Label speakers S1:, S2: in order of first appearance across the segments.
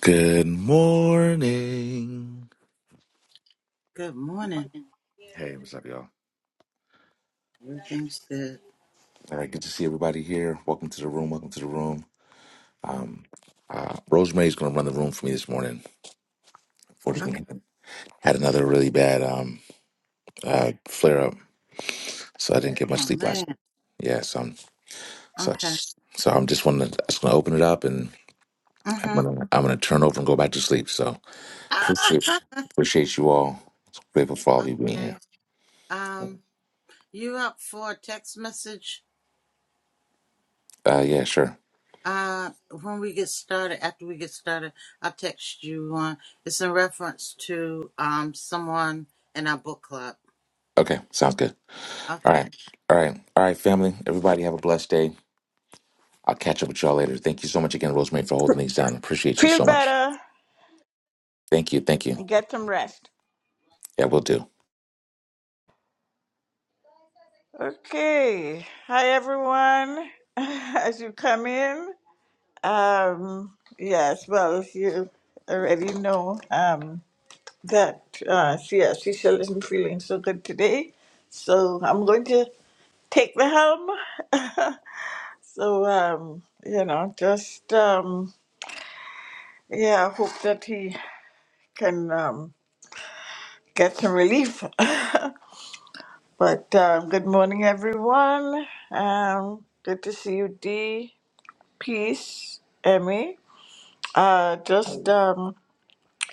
S1: Good morning.
S2: Good morning.
S1: Hey, what's up, y'all?
S2: Everything's good.
S1: All right, good to see everybody here. Welcome to the room. Welcome to the room. Um, uh, Rosemary's going to run the room for me this morning.
S2: Okay.
S1: Fortunately, had another really bad um, uh, flare up, so I didn't get much
S2: Oh
S1: sleep last
S2: man.
S1: night. Yeah, so I'm so I
S2: Okay.
S1: just, so I'm just wanna just going to open it up, and I'm
S2: Mm-hmm.
S1: going to I'm going to turn over and go back to sleep. So
S2: Ah,
S1: appreciate appreciate you all. Grateful for all of you being here.
S2: okay. Um, you up for a text message?
S1: Uh, yeah, sure.
S2: Uh, when we get started, after we get started, I'll text you one. It's in reference to um someone in our book club.
S1: Okay, sounds good. All
S2: Okay.
S1: right. All right. All right, family. Everybody have a blessed day. I'll catch up with y'all later. Thank you so much again, Rosemary, for holding these down. Appreciate you
S3: feel
S1: so much.
S3: better
S1: Thank you. Thank you.
S3: and get some rest.
S1: Yeah, we'll do.
S3: Okay. Hi, everyone. As you come in, um, yes, well, you already know um, that uh, yeah, Cecil isn't feeling so good today. So I'm going to take the helm. So, um, you know, just, um, yeah, I hope that he can um, get some relief. But um, good morning, everyone. Um, good to see you, Dee. Peace, Emmy. Uh, just um,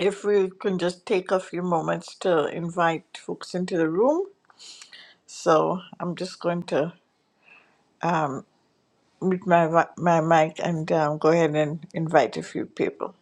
S3: if we can just take a few moments to invite folks into the room. So I'm just going to mute my vi- my mic and um, go ahead and invite a few people.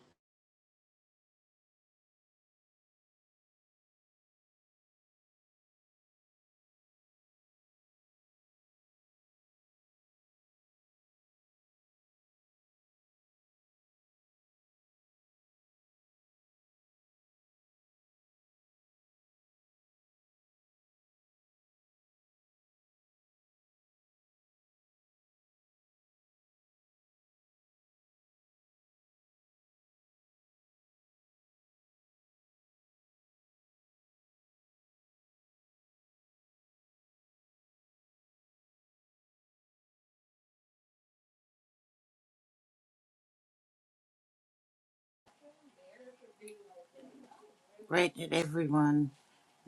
S2: Great that everyone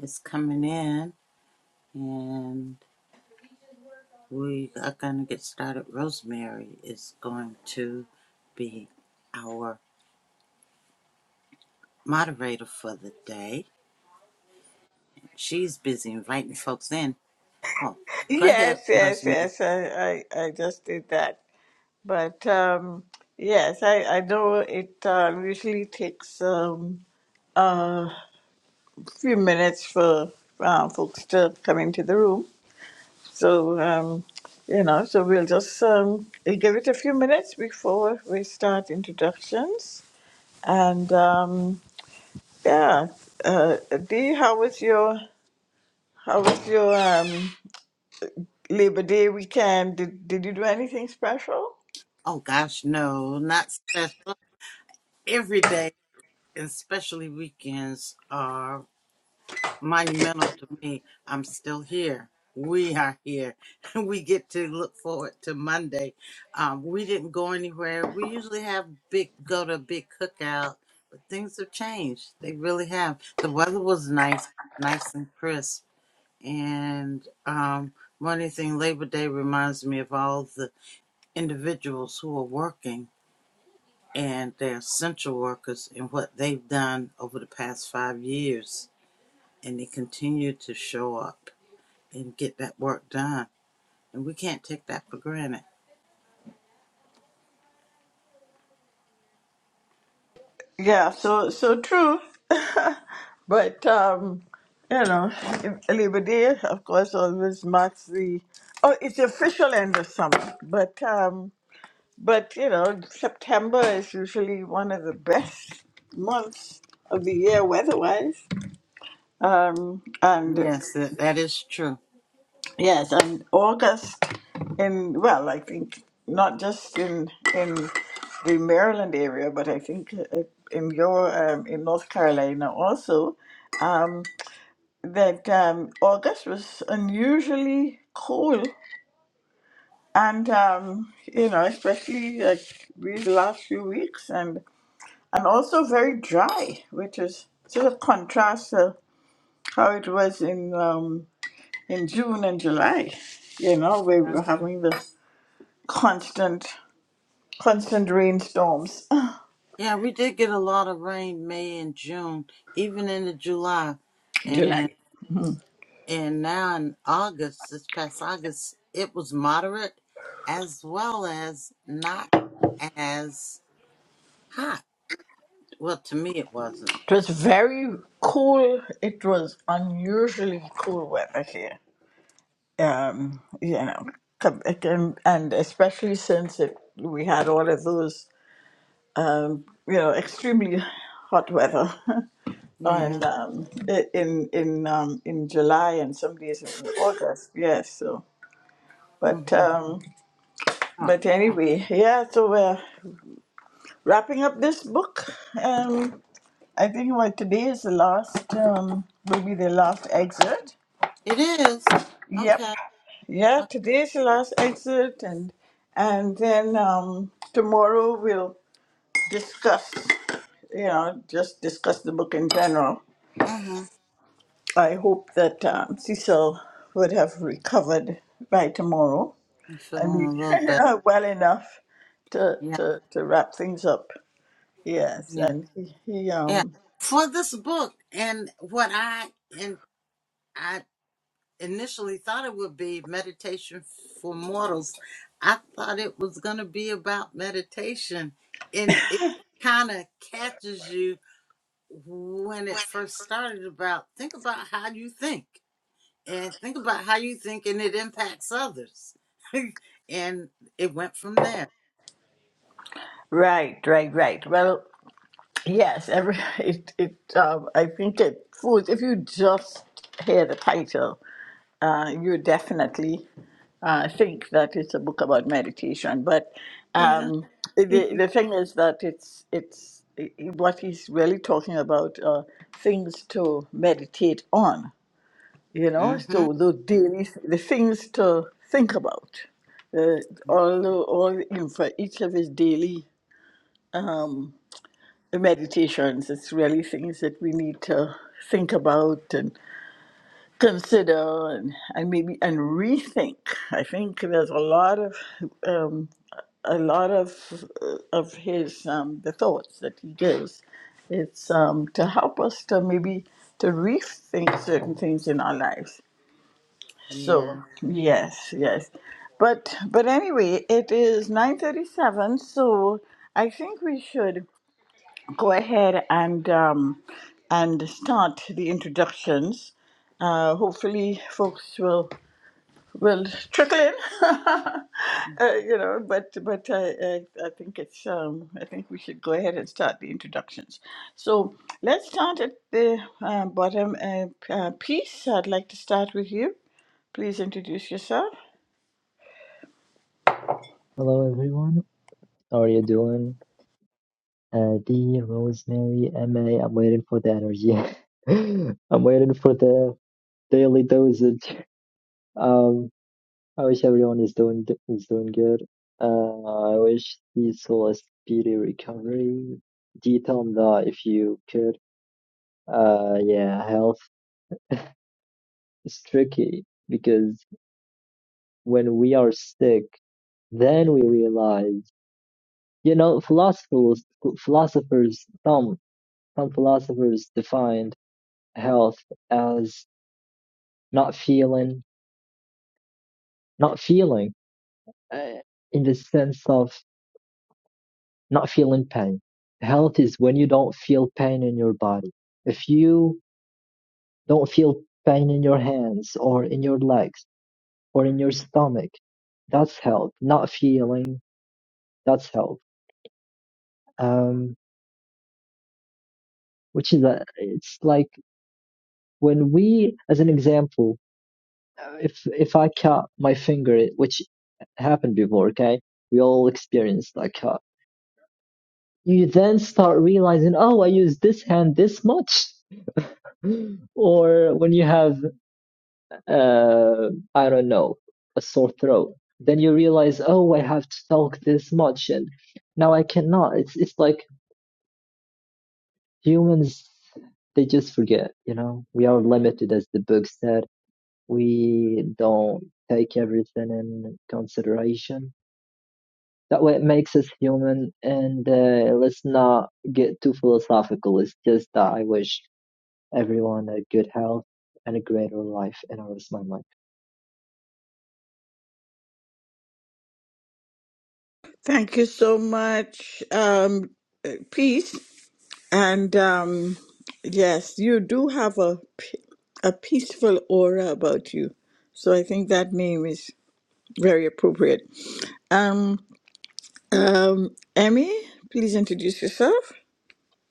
S2: is coming in and we are gonna get started. Rosemary is going to be our moderator for the day. She's busy inviting folks in. Oh, go ahead,
S3: Yes, yes,
S2: Rosemary.
S3: yes. I I, I just did that, but um, yes, I I know it uh, usually takes um, a few minutes for uh, folks to come into the room. So, um, you know, so we'll just um, we'll give it a few minutes before we start introductions. And um, yeah, uh, Dee, how was your how was your um, Labor Day weekend? Did did you do anything special?
S2: Oh, gosh, no, not special. Every day, and especially weekends, are monumental to me. I'm still here. We are here. We get to look forward to Monday. Um, we didn't go anywhere. We usually have big go to a big cookout, but things have changed. They really have. The weather was nice, nice and crisp And um, one thing, Labor Day reminds me of all the individuals who are working and their essential workers and what they've done over the past five years. And they continue to show up and get that work done. And we can't take that for granted.
S3: Yeah, so so true. But um, you know, Labor Day, of course, always marks the oh, it's the official end of summer. But um, But you know, September is usually one of the best months of the year weather-wise. Um, and
S2: Yes, that, that is true.
S3: yes, and August in well, I think not just in in the Maryland area, but I think uh, in your um, in North Carolina also um, that um, August was unusually cold, and um, you know, especially like these last few weeks, and. and also very dry, which is sort of contrast to how it was in um, in June and July. You know, we
S2: Yeah.
S3: were having the constant constant rainstorms.
S2: Yeah, we did get a lot of rain May and June, even into July.
S3: July.
S2: and. And now in August, this past August, it was moderate as well as not as hot. Well, to me, it wasn't.
S3: it was very cool. It was unusually cool weather here. Um, you know, com- it can- and especially since it, we had all of those, you know, extremely hot weather.
S2: Yeah.
S3: on um, i- in in um, in July and some days in August. Yes. So, but
S2: Mm-hmm. It
S3: um,
S2: Oh,
S3: but anyway, yeah. So we're wrapping up this book. Um, I think what today is the last um, will be the last excerpt.
S2: it is.
S3: Yep.
S2: Okay.
S3: Yeah.
S2: okay.
S3: Today is the last excerpt, and and then um, tomorrow we'll discuss. You know, just discuss the book in general
S2: Mm-hmm.
S3: I hope that um, Cecil would have recovered by tomorrow
S2: I'm feeling
S3: and be
S2: a little bit.
S3: well enough to,
S2: Yeah.
S3: to, to wrap things up. Yes,
S2: Yeah.
S3: and he, he
S2: Yeah.
S3: um
S2: For this book and what I, and I initially thought it would be meditation for mortals. I thought it was going to be about meditation, and it kind of catches you when it first started about think about how you think and think about how you think and it impacts others. and it went from there.
S3: right, right, right. Well, yes, every it it um I think it fools if you just hear the title, uh, you definitely I think that it's a book about meditation, but
S2: Yeah.
S3: um, the the thing is that it's it's i- i- what he's really talking about uh, things to meditate on, you know.
S2: mhm.
S3: So the daily the things to think about, the, all the, all the info, each of his daily meditations. It's really things that we need to think about and consider and, and maybe and rethink. I think there's a lot of um, a lot of of his um, the thoughts that he gives. It's um, to help us to maybe to rethink certain things in our lives.
S2: Yeah.
S3: So yes, yes, but but anyway, it is nine thirty-seven. So I think we should go ahead and um, and start the introductions. Uh, hopefully, folks will will trickle in. uh, you know, but but I, I I think it's um I think we should go ahead and start the introductions. So let's start at the uh, bottom uh, p- uh, piece. I'd like to start with you. Please introduce yourself.
S4: Hello everyone, how are you doing? Uh, D, Rosemary, M am waiting for the energy. I'm waiting for the daily dosage. Um, I wish everyone is doing is doing good. Uh, I wish Diesel a speedy recovery. D, tell him that if you could. Uh, yeah, health is tricky because when we are sick, then we realize, you know, philosophers philosophers tell Some philosophers defined health as not feeling not feeling uh, in the sense of not feeling pain. Health is when you don't feel pain in your body. If you don't feel pain in your hands or in your legs or in your stomach, that's health. Not feeling, that's health. Um, which is a, it's like when we, as an example, if if I cut my finger, which happened before, okay, we all experienced that. cut. You then start realizing, oh, I use this hand this much, or when you have, uh, I don't know, a sore throat, then you realize, oh, I have to talk this much, and now I cannot. It's it's like humans, they just forget, you know. We are limited, as the book said. We don't take everything in consideration that way it makes us human and uh, let's not get too philosophical it's just that i wish everyone a good health and a greater life and i rest my mic
S3: Thank you so much, um, uh, peace and um, yes, you do have a p- a peaceful aura about you. So I think that name is very appropriate. Um. Um, Emmy, please introduce yourself.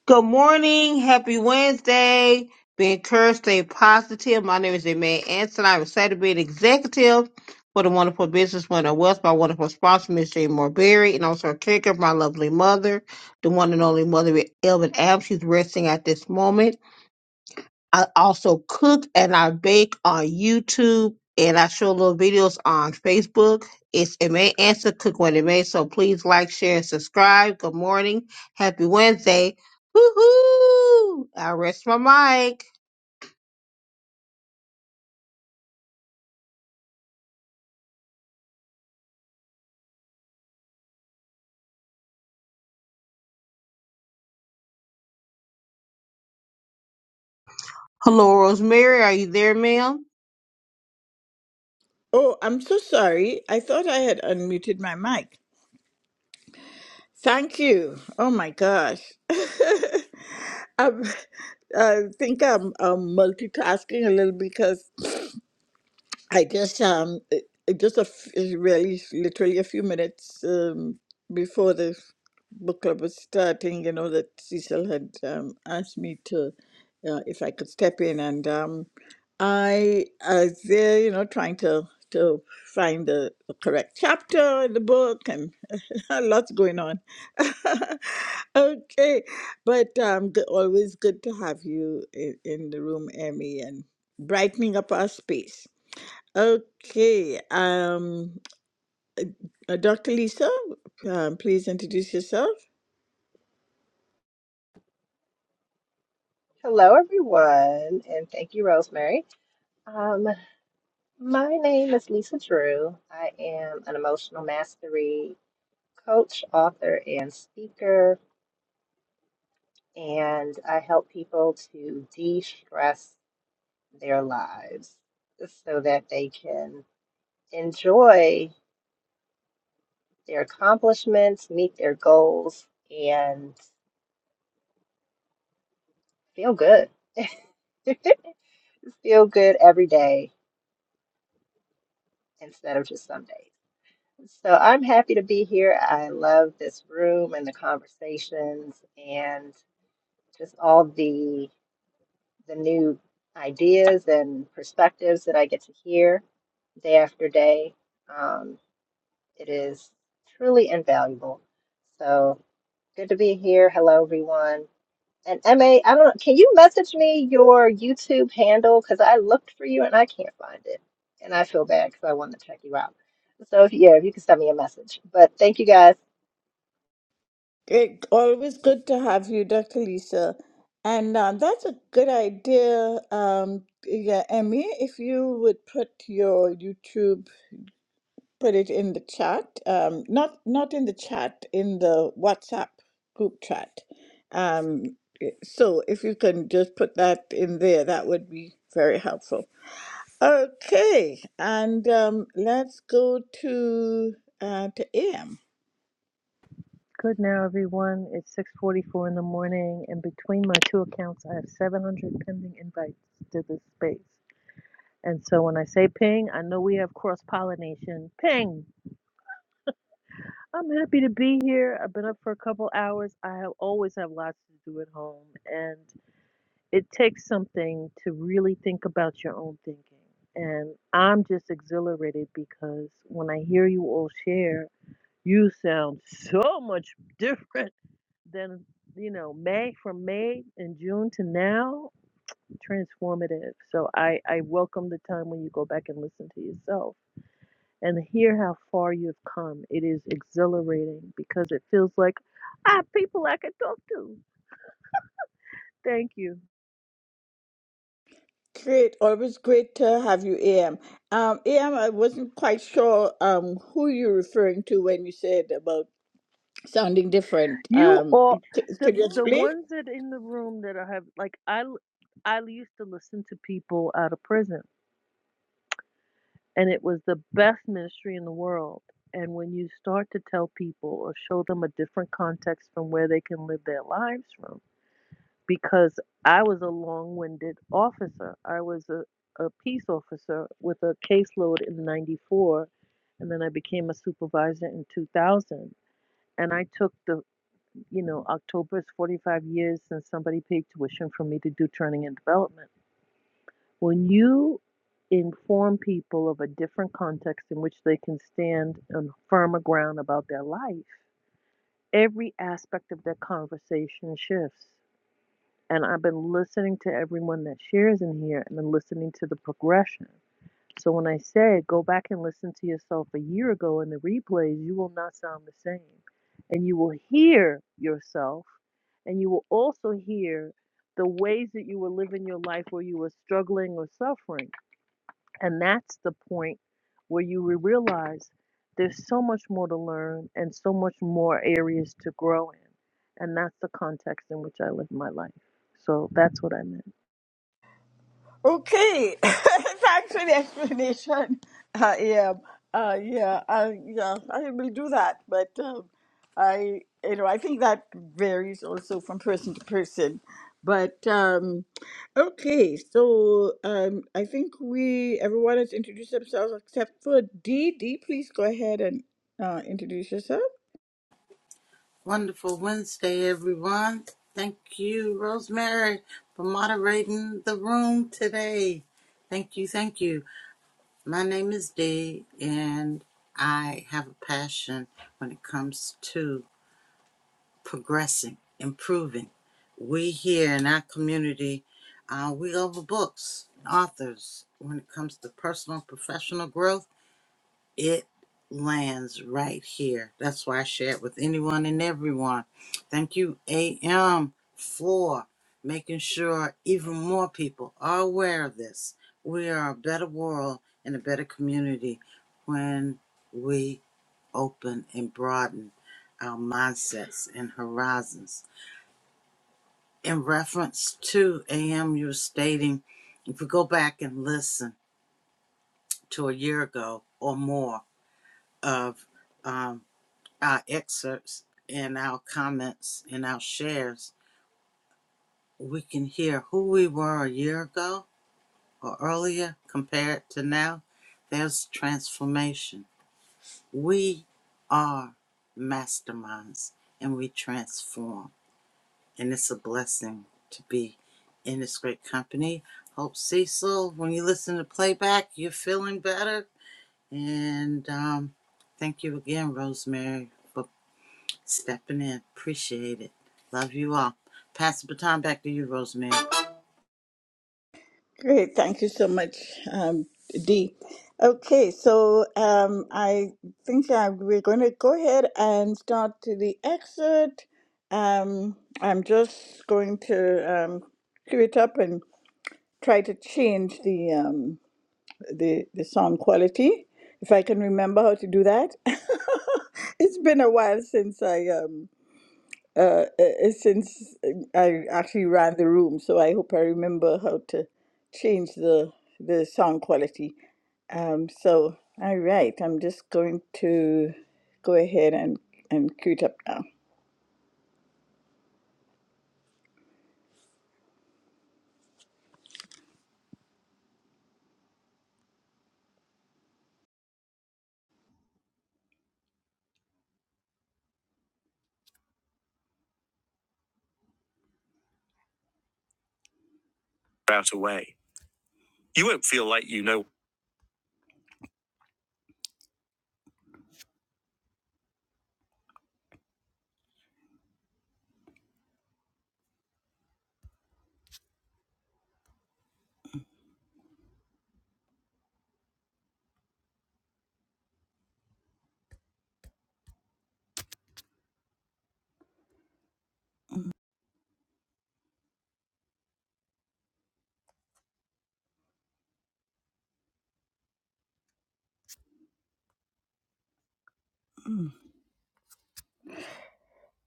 S5: Good morning. Happy Wednesday. Be encouraged, stay positive. My name is Aimee Anson. I'm excited to be an executive for the wonderful business winner West, my wonderful sponsor, Miss Jane Morberry, and also a caregiver, my lovely mother, the one and only mother, Elvin Adams. She's resting at this moment. I also cook and I bake on YouTube and I show little videos on Facebook. It's it may answer cook what it may. So please like, share, and subscribe. Good morning. Happy Wednesday. Woohoo! I rest my mic. Hello, Rosemary. Are you there, ma'am?
S3: Oh, I'm so sorry. I thought I had unmuted my mic. Thank you. Oh my gosh. I'm, I think I'm, um multitasking a little because I just um uh, uh, just a f- uh, really s- literally a few minutes um, before the book club was starting, you know that Cecil had um, asked me to uh, if I could step in, and um, I I was there, you know, trying to to find the, the correct chapter in the book, and lots going on. okay, but um, g- always good to have you in, in the room, Emmy, and brightening up our space. Okay, um, uh, Dr. Lisa, um, please introduce yourself.
S6: Hello, everyone, and thank you, Rosemary. Um, my name is Lisa Drew. I am an emotional mastery coach, author, and speaker, and I help people to de stress their lives so that they can enjoy their accomplishments, meet their goals, and feel good. feel good every day instead of just some days. So I'm happy to be here. I love this room and the conversations and just all the the new ideas and perspectives that I get to hear day after day. Um, it is truly invaluable. So good to be here. Hello, everyone. And MA, I don't know, can you message me your YouTube handle? Because I looked for you and I can't find it. And I feel bad because I wanted to check you out. So if, yeah, if you can send me a message. But thank you guys.
S3: Great, always good to have you, Dr. Lisa. And um, that's a good idea, um, yeah, Emmy, if you would put your YouTube, put it in the chat, um, not not in the chat, in the WhatsApp group chat. Um, so if you can just put that in there, that would be very helpful. Okay, and um, let's go to uh, to AM.
S7: Good now, everyone. It's 6:44 in the morning, and between my two accounts, I have 700 pending invites to this space. And so when I say ping, I know we have cross-pollination. Ping! I'm happy to be here. I've been up for a couple hours. I have, always have lots to do at home, and it takes something to really think about your own thinking. And I'm just exhilarated because when I hear you all share, you sound so much different then you know may from may and june to now transformative so i i welcome the time when you go back and listen to yourself and hear how far you've come it is exhilarating because it feels like i have people i can talk to thank you
S3: Great, always great to have you, AM. Um, AM, wasn't quite sure um, who you're referring to when you said about sounding different.
S7: you
S3: Um,
S7: all
S3: c-
S7: the
S3: could you
S7: the
S3: explain?
S7: ones that in the room that I have like I I used to listen to people out of prison and it was the best ministry in the world. And when you start to tell people or show them a different context from where they can live their lives from, because I was a long winded officer, I was a, a peace officer with a caseload in 94, and then I became a supervisor in 2000. And I took the, you know, October's 45 years since somebody paid tuition for me to do training and development. When you inform people of a different context in which they can stand on firmer ground about their life, every aspect of their conversation shifts. And I've been listening to everyone that shares in here and then listening to the progression. So when I say go back and listen to yourself a year ago in the replays, you will not sound the same. And you will hear yourself and you will also hear the ways that you were living your life where you were struggling or suffering and that's the point where you re- realize there's so much more to learn and so much more areas to grow in. And that's the context in which I live my life. So that's what I meant.
S3: Okay, thanks for the explanation. Uh, yeah, uh, yeah, uh, yeah. I will do that, but um, I, you know, I think that varies also from person to person. But um, okay, so um, I think we everyone has introduced themselves except for Dee. Dee, please go ahead and uh, introduce yourself.
S2: Wonderful Wednesday, everyone. Thank you, Rosemary, for moderating the room today. Thank you, thank you. My name is Dee, and I have a passion when it comes to progressing, improving. We here in our community, uh, we over books, authors, when it comes to personal, professional growth it lands right here. That's why I share it with anyone and everyone. Thank you, AM, for making sure even more people are aware of this. We are a better world and a better community when we open and broaden our mindsets and horizons. In reference to AM, you were stating if we go back and listen to a year ago or more of. um. our excerpts and our comments and our shares, we can hear who we were a year ago or earlier compared to now. There's transformation. We are masterminds and we transform. And it's a blessing to be in this great company. Hope Cecil, when you listen to playback, you're feeling better. And um, thank you again, Rosemary, for Stepping in. Appreciate it. Love you all. Pass the baton back to you, Rosemary.
S3: Great. Thank you so much, um, Dee. Okay, so um, I think uh, we're going to go ahead and start to the excerpt. Um, I'm just going to um, cue it up and try to change the, um, the the sound quality if I can remember how to do that. it's been a while since I um, uh, uh, uh, since I actually ran the room, so I hope I remember how to change the the sound quality. Um, so, all right, I'm just going to go ahead and and queue it up now. Out away. You won't feel like you know.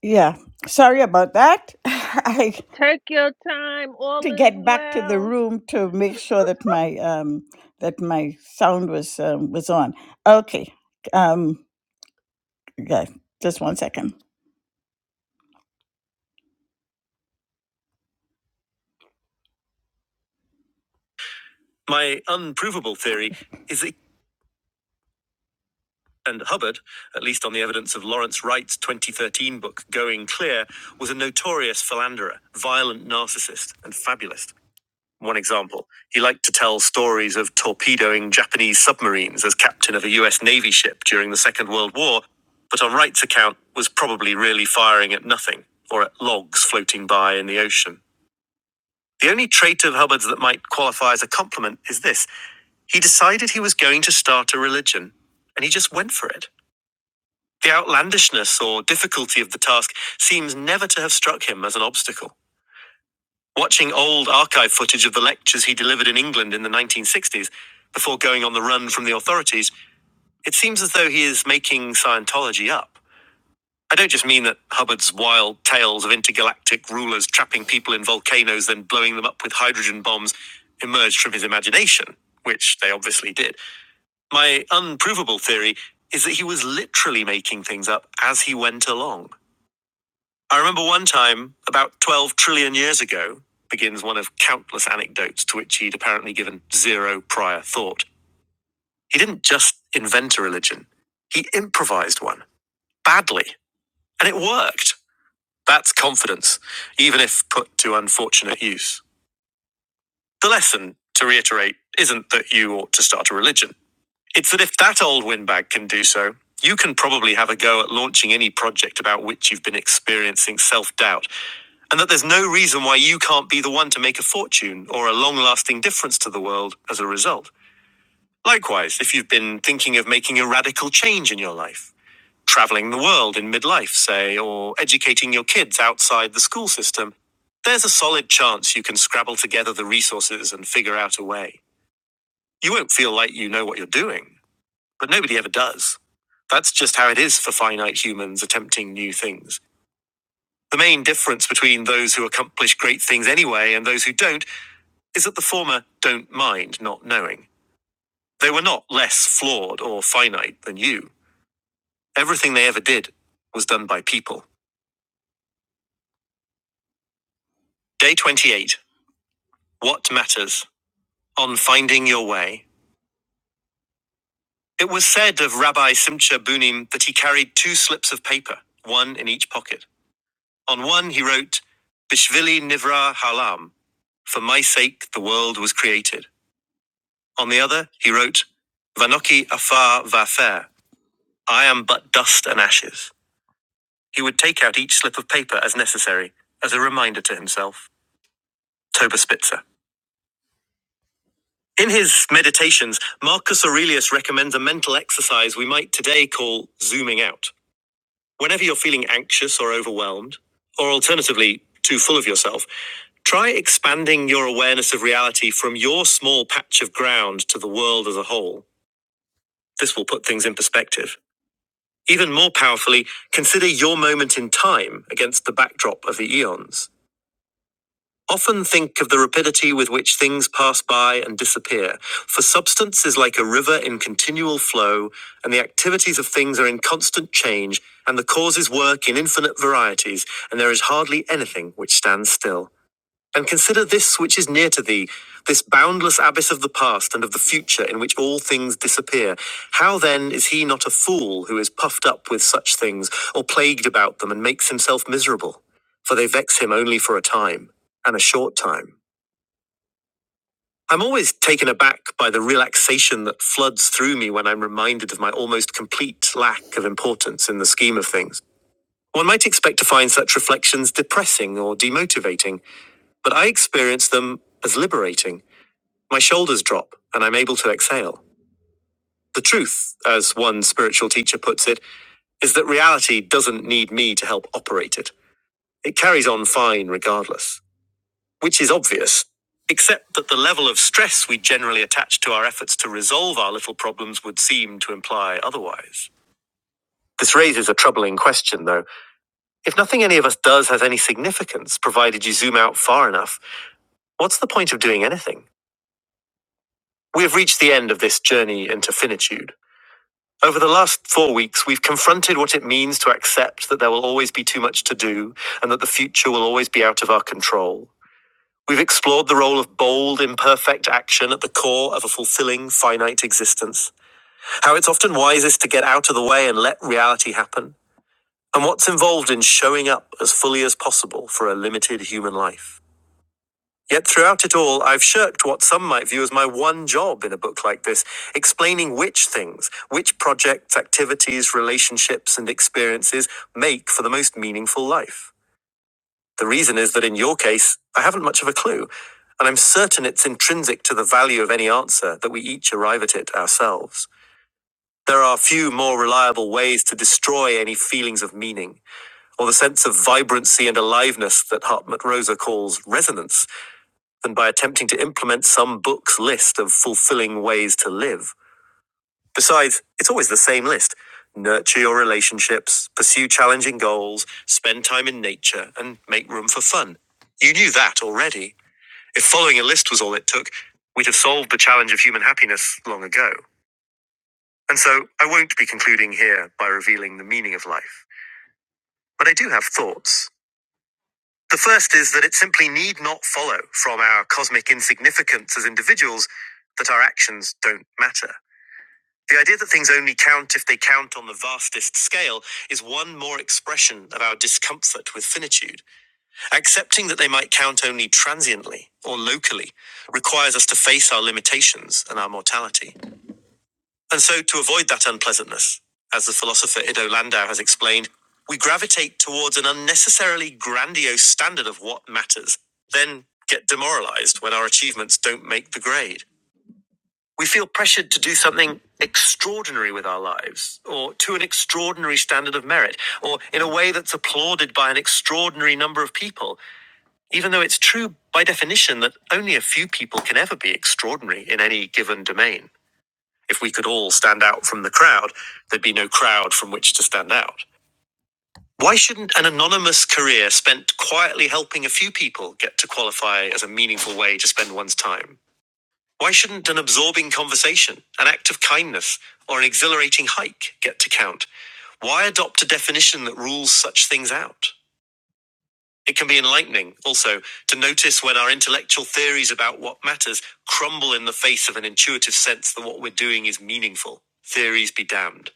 S3: Yeah, sorry about that. I
S7: Take your time. All
S3: to
S7: is
S3: get back to the
S7: well.
S3: room to make sure that my um that my sound was um, was on. Okay. Um, yeah, just one second. My unprovable theory is that and Hubbard, at least on the evidence of Lawrence Wright's 2013 book Going Clear, was a notorious philanderer, violent narcissist, and fabulist. One example, he liked to tell stories of torpedoing Japanese submarines as captain of a US Navy ship during the Second World War, but on Wright's account was probably really firing at nothing or at logs floating by in the ocean. The only trait of Hubbard's that might qualify as a compliment is this he decided he was going to start a religion, and he just went for it. The outlandishness or difficulty of the task seems never to have struck him as an obstacle. Watching old archive footage of the lectures he delivered in England in the 1960s, before going on the run from the authorities, it seems as though he is making Scientology up. I don't just mean that Hubbard's wild tales of intergalactic rulers trapping people in volcanoes, then blowing them up with hydrogen bombs, emerged from his imagination, which they obviously did. My unprovable theory is that he was literally making things up as he went along. I remember one time, about 12 trillion years ago, begins one of countless anecdotes to which he'd apparently given zero prior thought. He didn't just invent a religion, he improvised one badly, and it worked. That's confidence, even if put to unfortunate use. The lesson, to reiterate, isn't that you ought to start a religion. It's that if that old windbag can do so, you can probably have a go at launching any project about which you've been experiencing self doubt, and that there's no reason why you can't be the one to make a fortune or a long lasting difference to the world as a result. Likewise, if you've been thinking of making a radical change in your life, traveling the world in midlife, say, or educating your kids outside the school system, there's a solid chance you can scrabble together the resources and figure out a way. You won't feel like you know what you're doing, but nobody ever does. That's just how it is for finite humans attempting new things. The main difference between those who accomplish great things anyway and those who don't is that the former don't mind not knowing. They were not less flawed or finite than you. Everything they ever did was done by people. Day 28 What Matters on Finding Your Way. It was said of Rabbi Simcha Bunim that he carried two slips of paper, one in each pocket. On one he wrote, Bishvili Nivra Halam, for my sake the world was created. On the other he wrote, Vanoki Afar Vafer, I am but dust and ashes. He would take out each slip of paper as necessary, as a reminder to himself. Toba Spitzer. In his meditations, Marcus Aurelius recommends a mental exercise we might today call zooming out. Whenever you're feeling anxious or overwhelmed, or alternatively, too full of yourself, try expanding your awareness of reality from your small patch of ground to the world as a whole. This will put things in perspective. Even more powerfully, consider your moment in time against the backdrop of the eons. Often think of the rapidity with which things pass by and disappear, for substance is like a river in continual flow, and the activities of things are in constant change, and the causes work in infinite varieties, and there is hardly anything which stands still. And consider this which is near to thee, this boundless abyss of the past and of the future in which all things disappear. How then is he not a fool who is puffed up with such things, or plagued about them, and makes himself miserable? For they vex him only for a time, and a short time. I'm always taken aback by the relaxation that floods through me when I'm reminded of my almost complete lack of importance in the scheme of things. One might expect to find such reflections depressing or demotivating, but I experience them as liberating. My shoulders drop and I'm able to exhale. The truth, as one spiritual teacher puts it, is that reality doesn't need me to help operate it. It carries on fine regardless, which is obvious, except that the level of stress we generally attach to our efforts to resolve our little problems would seem to imply otherwise. This raises a troubling question, though. If nothing any of us does has any significance, provided you zoom out far enough, what's the point of doing anything? We have reached the end of this journey into finitude. Over the last four weeks, we've confronted what it means to accept that there will always be too much to do and that the future will always be out of our control. We've explored the role of bold, imperfect action at the core of a fulfilling, finite existence, how it's often wisest to get out of the way and let reality happen, and what's involved in showing up as fully as possible for a limited human life. Yet throughout it all, I've shirked what some might view as my one job in a book like this, explaining which things, which projects, activities, relationships, and experiences make for the most meaningful life. The reason is that in your case, I haven't much of a clue, and I'm certain it's intrinsic to the value of any answer that we each arrive at it ourselves. There are few more reliable ways to destroy any feelings of meaning, or the sense of vibrancy and aliveness that Hartmut Rosa calls resonance than by attempting to implement some book's list of fulfilling ways to live. Besides, it's always the same list nurture your relationships, pursue challenging goals, spend time in nature, and make room for fun. You knew that already. If following a list was all it took, we'd have solved the challenge of human happiness long ago. And so I won't be concluding here by revealing the meaning of life. But I do have thoughts. The first is that it simply need not follow from our cosmic insignificance as individuals that our actions don't matter. The idea that things only count if they count on the vastest scale is one more expression of our discomfort with finitude. Accepting that they might count only transiently or locally requires us to face our limitations and our mortality. And so, to avoid that unpleasantness, as the philosopher Ido Landau has explained, we gravitate towards an unnecessarily grandiose standard of what matters, then get demoralized when our achievements don't make the grade. We feel pressured to do something extraordinary with our lives, or to an extraordinary standard of merit, or in a way that's applauded by an extraordinary number of people, even though it's true by definition that only a few people can ever be extraordinary in any given domain. If we could all stand out from the crowd, there'd be no crowd from which to stand out. Why shouldn't an anonymous career spent quietly helping a few people get to qualify as a meaningful way to spend one's time? Why shouldn't an absorbing conversation, an act of kindness, or an exhilarating hike get to count? Why adopt a definition that rules such things out? It can be enlightening, also, to notice when our intellectual theories about what matters crumble in the face of an intuitive sense that what we're doing is meaningful. Theories be damned.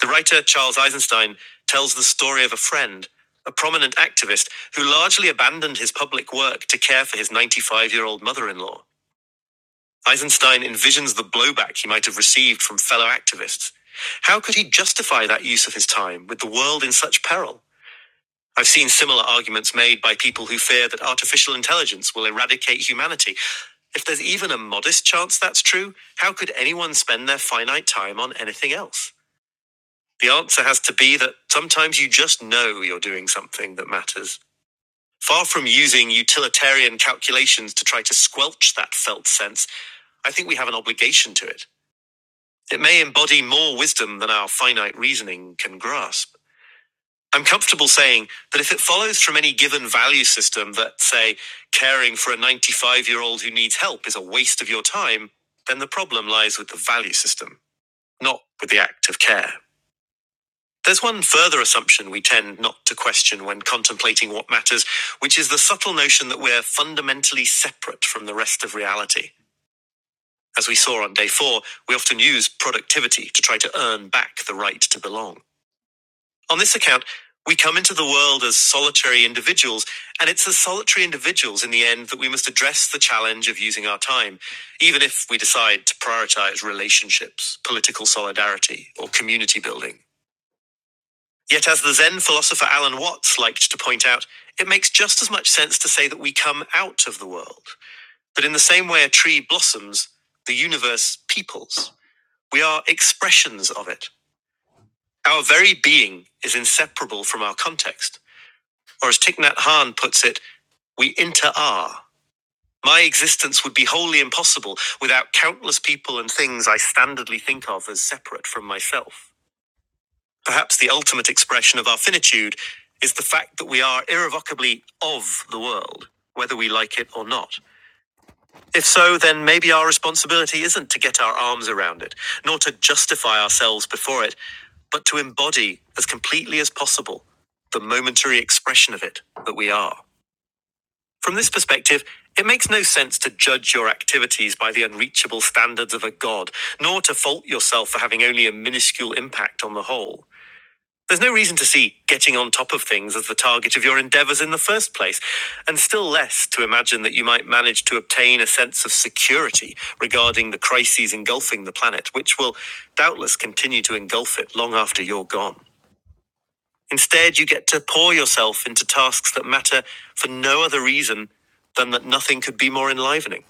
S3: The writer Charles Eisenstein tells the story of a friend, a prominent activist, who largely abandoned his public work to care for his 95 year old mother in law. Eisenstein envisions the blowback he might have received from fellow activists. How could he justify that use of his time with the world in such peril? I've seen similar arguments made by people who fear that artificial intelligence will eradicate humanity. If there's even a modest chance that's true, how could anyone spend their finite time on anything else? The answer has to be that sometimes you just know you're doing something that matters. Far from using utilitarian calculations to try to squelch that felt sense, I think we have an obligation to it. It may embody more wisdom than our finite reasoning can grasp. I'm comfortable saying that if it follows from any given value system that, say, caring for a 95 year old who needs help is a waste of your time, then the problem lies with the value system, not with the act of care. There's one further assumption we tend not to question when contemplating what matters, which is the subtle notion that we're fundamentally separate from the rest of reality. As we saw on day four, we often use productivity to try to earn back the right to belong. On this account, we come into the world as solitary individuals, and it's as solitary individuals in the end that we must address the challenge of using our time, even if we decide to prioritize relationships, political solidarity, or community building. Yet, as the Zen philosopher Alan Watts liked to point out, it makes just as much sense to say that we come out of the world, that in the same way a tree blossoms, the universe peoples. We are expressions of it. Our very being is inseparable from our context. Or, as Thich Nhat Hanh puts it, we inter are. My existence would be wholly impossible without countless people and things I standardly think of as separate from myself. Perhaps the ultimate expression of our finitude is the fact that we are irrevocably of the world, whether we like it or not. If so, then maybe our responsibility isn't to get our arms around it, nor to justify ourselves before it, but to embody as completely as possible the momentary expression of it that we are. From this perspective, it makes no sense to judge your activities by the unreachable standards of a god, nor to fault yourself for having only a minuscule impact on the whole. There's no reason to see getting on top of things as the target of your endeavors in the first place, and still less to imagine that you might manage to obtain a sense of security regarding the crises engulfing the planet, which will doubtless continue to engulf it long after you're gone. Instead, you get to pour yourself into tasks that matter for no other reason than that nothing could be more enlivening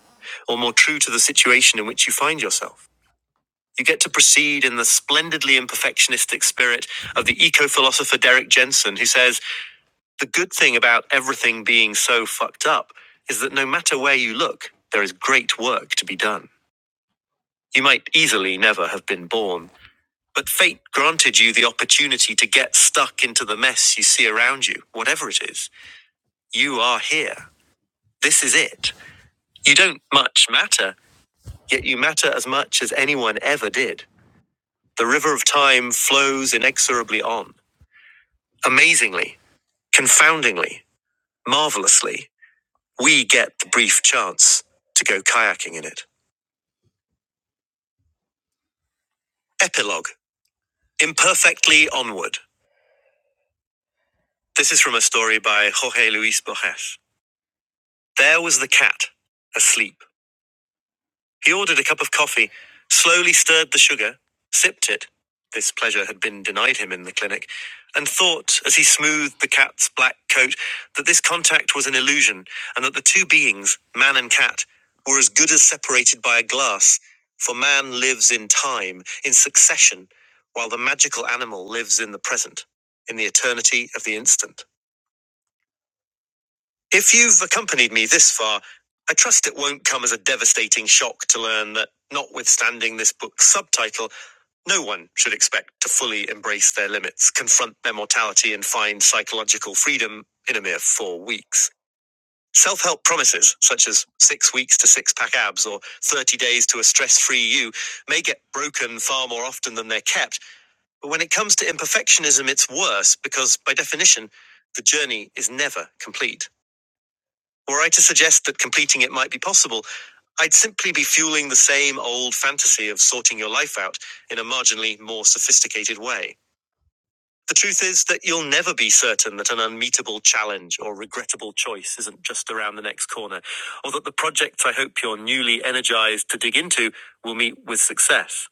S3: or more true to the situation in which you find yourself. You get to proceed in the splendidly imperfectionistic spirit of the eco philosopher Derek Jensen, who says the good thing about everything being so fucked up is that no matter where you look, there is great work to be done. You might easily never have been born, but fate granted you the opportunity to get stuck into the mess you see around you, whatever it is. You are here. This is it. You don't much matter, yet you matter as much as anyone ever did. The river of time flows inexorably on. Amazingly, confoundingly, marvelously, we get the brief chance to go kayaking in it. Epilogue Imperfectly Onward. This is from a story by Jorge Luis Borges. There was the cat, asleep. He ordered a cup of coffee, slowly stirred the sugar, sipped it this pleasure had been denied him in the clinic and thought, as he smoothed the cat's black coat, that this contact was an illusion and that the two beings, man and cat, were as good as separated by a glass, for man lives in time, in succession, while the magical animal lives in the present, in the eternity of the instant. If you've accompanied me this far, I trust it won't come as a devastating shock to learn that, notwithstanding this book's subtitle, no one should expect to fully embrace their limits, confront their mortality, and find psychological freedom in a mere four weeks. Self help promises, such as six weeks to six pack abs or 30 days to a stress free you, may get broken far more often than they're kept. But when it comes to imperfectionism, it's worse because, by definition, the journey is never complete. Were I to suggest that completing it might be possible, I'd simply be fueling the same old fantasy of sorting your life out in a marginally more sophisticated way. The truth is that you'll never be certain that an unmeetable challenge or regrettable choice isn't just around the next corner, or that the projects I hope you're newly energized to dig into will meet with success.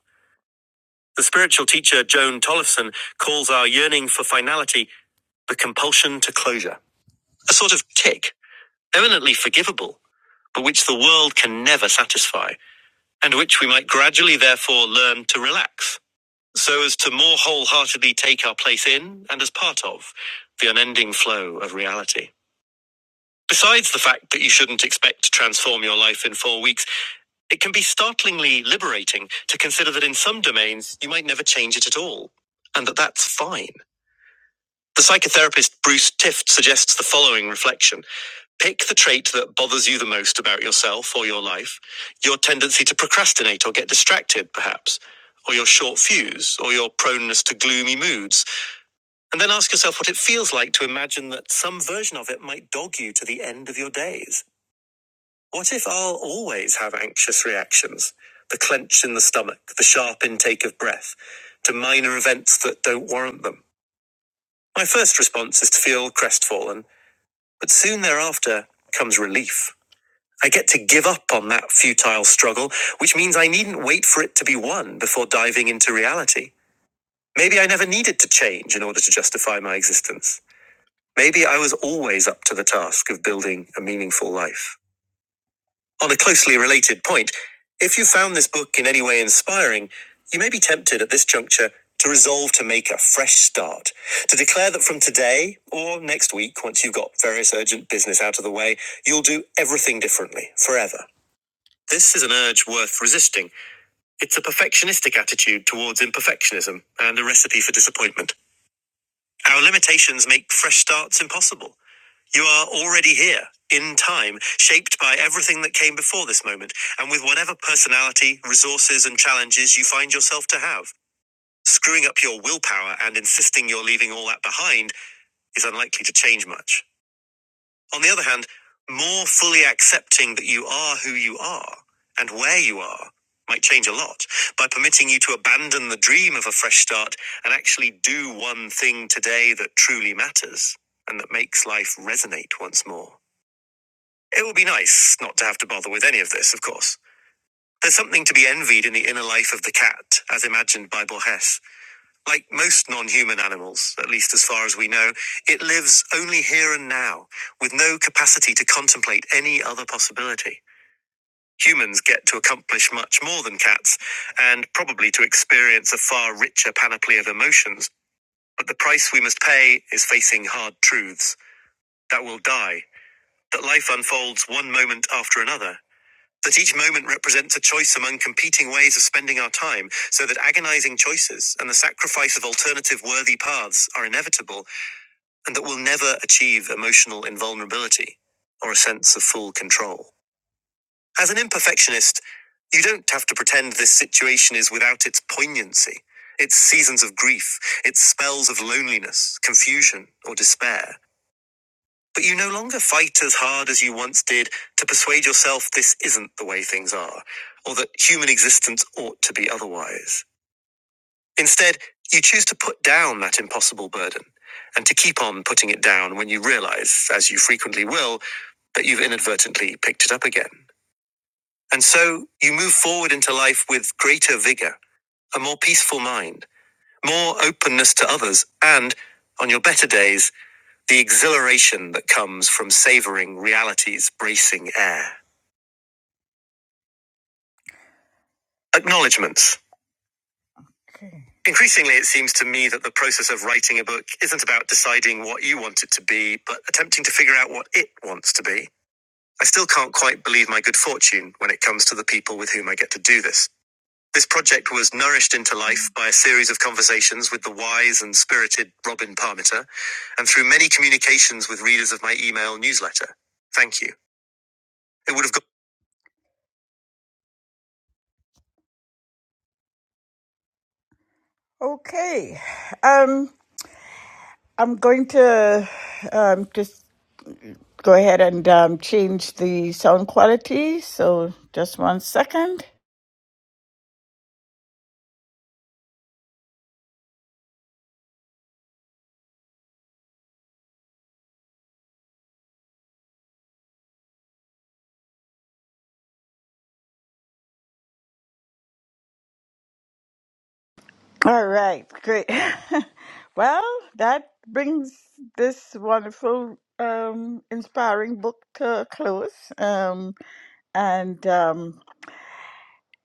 S3: The spiritual teacher Joan Tollefson calls our yearning for finality the compulsion to closure, a sort of tick, eminently forgivable but which the world can never satisfy, and which we might gradually therefore learn to relax, so as to more wholeheartedly take our place in and as part of the unending flow of reality. Besides the fact that you shouldn't expect to transform your life in four weeks, it can be startlingly liberating to consider that in some domains you might never change it at all, and that that's fine. The psychotherapist Bruce Tift suggests the following reflection. Pick the trait that bothers you the most about yourself or your life, your tendency to procrastinate or get distracted, perhaps, or your short fuse, or your proneness to gloomy moods, and then ask yourself what it feels like to imagine that some version of it might dog you to the end of your days. What if I'll always have anxious reactions? The clench in the stomach, the sharp intake of breath, to minor events that don't warrant them. My first response is to feel crestfallen, but soon thereafter comes relief. I get to give up on that futile struggle, which means I needn't wait for it to be won before diving into reality. Maybe I never needed to change in order to justify my existence. Maybe I was always up to the task of building a meaningful life. On a closely related point, if you found this book in any way inspiring, you may be tempted at this juncture to resolve to make a fresh start, to declare that from today or next week, once you've got various urgent business out of the way, you'll do everything differently forever. This is an urge worth resisting. It's a perfectionistic attitude towards imperfectionism and a recipe for disappointment. Our limitations make fresh starts impossible. You are already here, in time, shaped by everything that came before this moment, and with whatever personality, resources, and challenges you find yourself to have. Screwing up your willpower and insisting you're leaving all that behind is unlikely to change much. On the other hand, more fully accepting that you are who you are and where you are might change a lot by permitting you to abandon the dream of a fresh start and actually do one thing today that truly matters and that makes life resonate once more. It would be nice not to have to bother with any of this, of course. There's something to be envied in the inner life of the cat, as imagined by Borges. Like most non human animals, at least as far as we know, it lives only here and now, with no capacity to contemplate any other possibility. Humans get to accomplish much more than cats, and probably to experience a far richer panoply of emotions. But the price we must pay is facing hard truths that we will die, that life unfolds one moment after another, that each moment represents a choice among competing ways of spending our time, so that agonizing choices and the sacrifice of alternative worthy paths are inevitable, and that we'll never achieve emotional invulnerability or a sense of full control. As an imperfectionist, you don't have to pretend this situation is without its poignancy, its seasons of grief, its spells of loneliness, confusion, or despair. But you no longer fight as hard as you once did to persuade yourself this isn't the way things are, or that human existence ought to be otherwise. Instead, you choose to put down that impossible burden, and to keep on putting it down when you realize, as you frequently will, that you've inadvertently picked it up again. And so you move forward into life with greater vigor, a more peaceful mind, more openness to others, and, on your better days, the exhilaration that comes from savoring reality's bracing air. Acknowledgements. Increasingly, it seems to me that the process of writing a book isn't about deciding what you want it to be, but attempting to figure out what it wants to be. I still can't quite believe my good fortune when it comes to the people with whom I get to do this. This project was nourished into life by a series of conversations with the wise and spirited Robin Parmiter, and through many communications with readers of my email newsletter. Thank you. It would have Okay. Um, I'm going to um, just go ahead and um, change the sound quality. So just one second. All right. Great. well, that brings this wonderful, um, inspiring book to a close. Um, and um,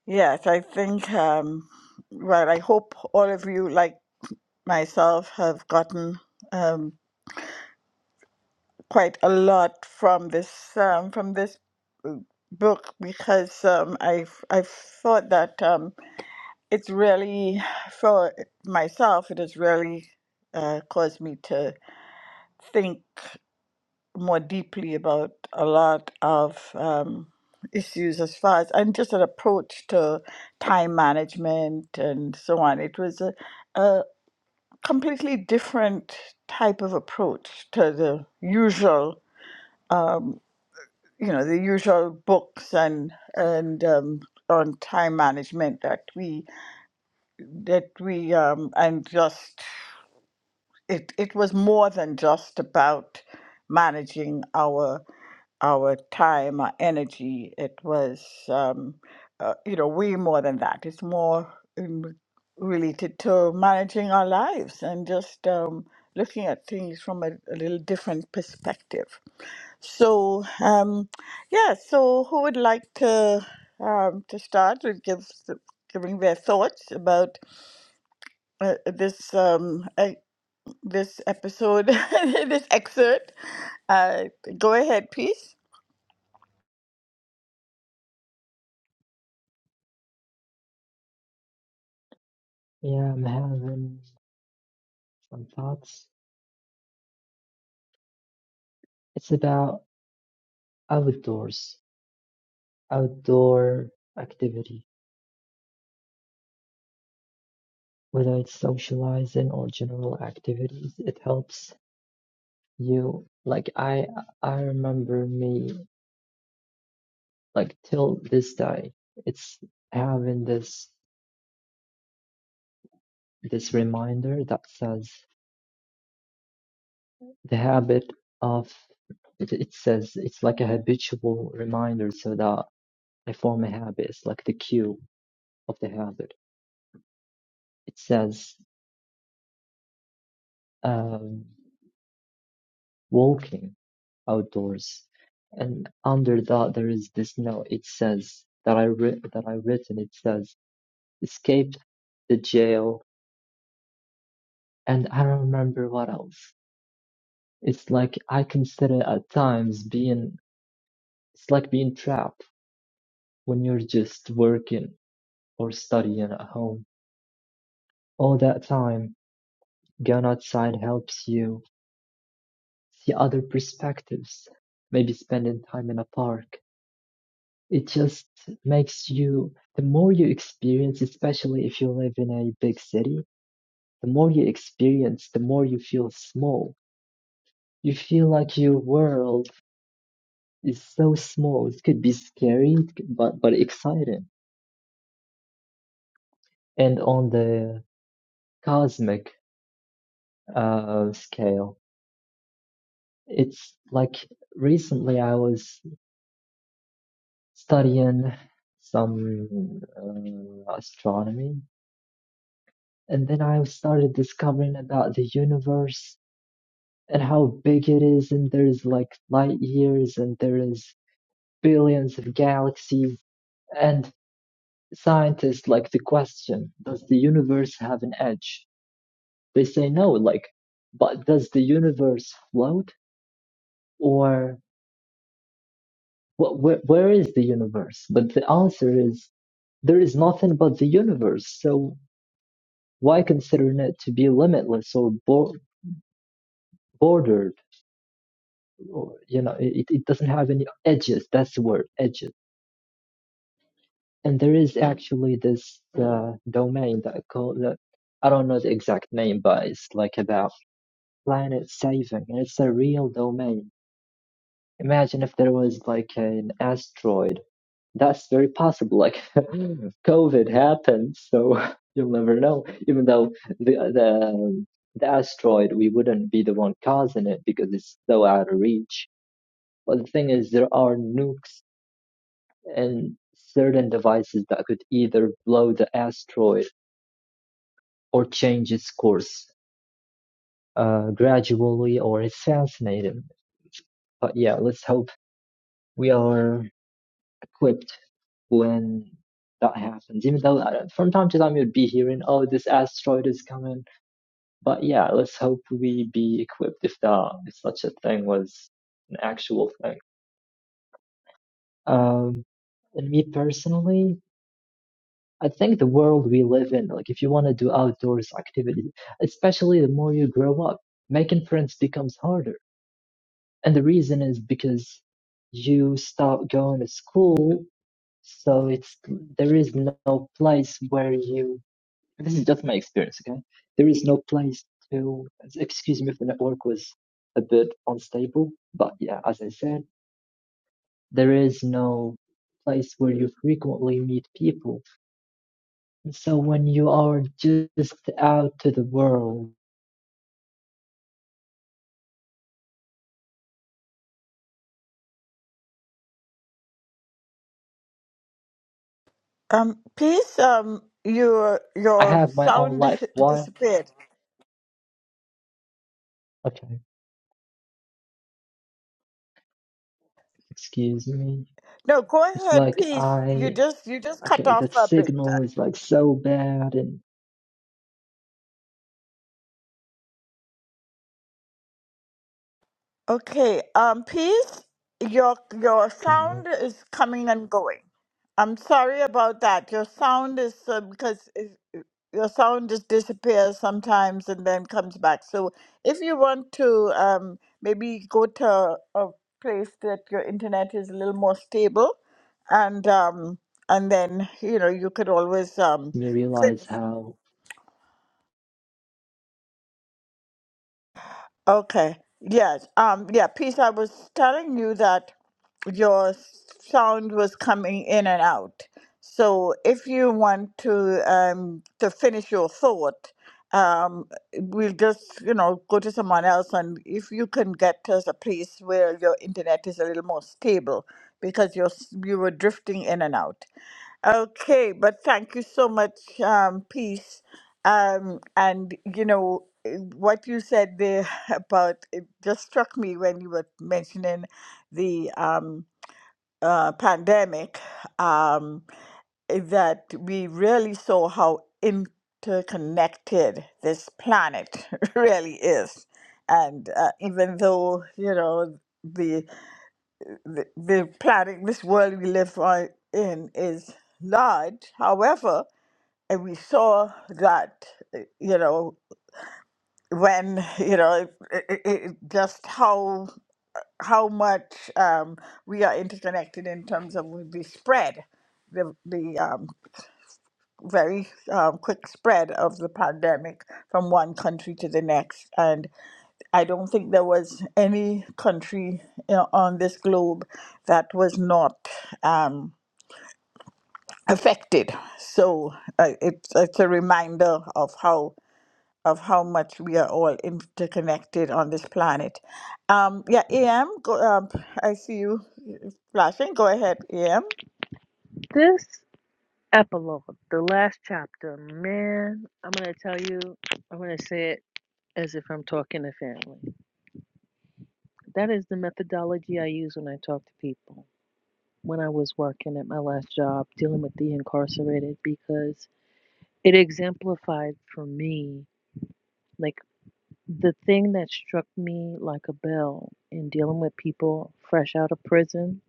S3: yes, I think, um, well, I hope all of you, like myself, have gotten um, quite a lot from this um, from this book because um, I've I've thought that um, it's really for myself. It has really uh, caused me to think more deeply about a lot of um, issues as far as and just an approach to time management and so on. It was a, a completely different type of approach to the usual. you know the usual books and and um, on time management that we that we um, and just it it was more than just about managing our our time our energy it was um, uh, you know way more than that it's more um, related to managing our lives and just um, looking at things from a, a little different perspective so, um, yeah, so who would like to um, to start with give, giving their thoughts about uh, this um, uh, this episode, this excerpt? Uh, go ahead, please.
S4: yeah i'm having some thoughts it's about outdoors outdoor activity whether it's socializing or general activities it helps you like i i remember me like till this day it's having this this reminder that says the habit of it, it says it's like a habitual reminder so that i form a habit it's like the cue of the habit it says um, walking outdoors and under that there is this note it says that i writ that i written it says escaped the jail and i don't remember what else it's like i consider at times being it's like being trapped when you're just working or studying at home All that time, going outside helps you see other perspectives. Maybe spending time in a park. It just makes you, the more you experience, especially if you live in a big city, the more you experience, the more you feel small. You feel like your world is so small. It could be scary, it c- but but exciting. And on the cosmic uh, scale, it's like recently I was studying some uh, astronomy, and then I started discovering about the universe and how big it is, and there's like light years, and there is billions of galaxies, and scientists like the question, does the universe have an edge? They say no, like, but does the universe float or what, where, where is the universe? But the answer is there is nothing but the universe. So why considering it to be limitless or bor- bordered or you know it, it doesn't have any edges that's the word edges and there is actually this uh, domain that I call that i don't know the exact name but it's like about planet saving and it's a real domain imagine if there was like an asteroid That's very possible. Like COVID happened, so you'll never know. Even though the the the asteroid, we wouldn't be the one causing it because it's so out of reach. But the thing is, there are nukes and certain devices that could either blow the asteroid or change its course uh, gradually or assassinate him. But yeah, let's hope we are equipped when that happens. Even though uh, from time to time you'd be hearing, "Oh, this asteroid is coming," but yeah, let's hope we be equipped if that if such a thing was an actual thing. Um, and me personally, I think the world we live in, like if you want to do outdoors activities, especially the more you grow up, making friends becomes harder. And the reason is because you stop going to school, so it's there is no place where you this is just my experience, okay? There is no place to, excuse me if the network was a bit unstable, but yeah, as I said, there is no place where you frequently meet people. And so when you are just out to the world,
S3: Um, please, um, your
S4: I
S3: your
S4: have my own
S3: sound
S4: life. Why?
S3: disappeared.
S4: Okay, excuse me.
S3: No, go
S4: It's
S3: ahead,
S4: like
S3: please. You
S4: I,
S3: just you just cut
S4: okay,
S3: off
S4: the
S3: a bit.
S4: signal is like so bad and you
S3: Okay, um, peace. Your your
S4: can hear,
S3: sound is coming and going. I'm sorry about that. Your sound is uh, because if, your sound just disappears sometimes and then comes back. So if you want to, um, maybe go to a place that your internet is a little more stable, and um, and then you know you could always um,
S4: you realize
S3: finish.
S4: how,
S3: Okay. Yes. Um. Yeah. Peace. I was telling you that your sound was coming in and out. So if you want to um to finish your thought, um, we'll just you know go to someone else, and if you can get us a place where your internet is a little more stable, because you're s- you were drifting in and out. Okay, but thank you so much, um, Peace. Um, and you know eh, what you said there about it just struck me when you were mentioning the um, uh, pandemic um, eh, that we really saw how interconnected this planet really is, and uh, even though you know the the, the planet, this world we live on in, is large. However, and we saw that, uh, you know, when you know, it, it, it, it- just how how much um, we are interconnected in terms of the spread, the the um, very um, quick spread of the pandemic from one country to the next, and I don't think there was any country you on this globe that was not. Um, affected. So uh, it's it's a reminder of how of how much we are all interconnected on this planet. Um, yeah, AM, go, um, I see you flashing. Go ahead, AM.
S7: This epilogue, the last chapter, man, I'm going to tell you, I'm going to say it as if I'm talking to family. That is the methodology I use when I talk to people. When I was working at my last job dealing with the incarcerated, because It exemplified for me, like, the thing that struck me like a bell in dealing with people fresh out of prison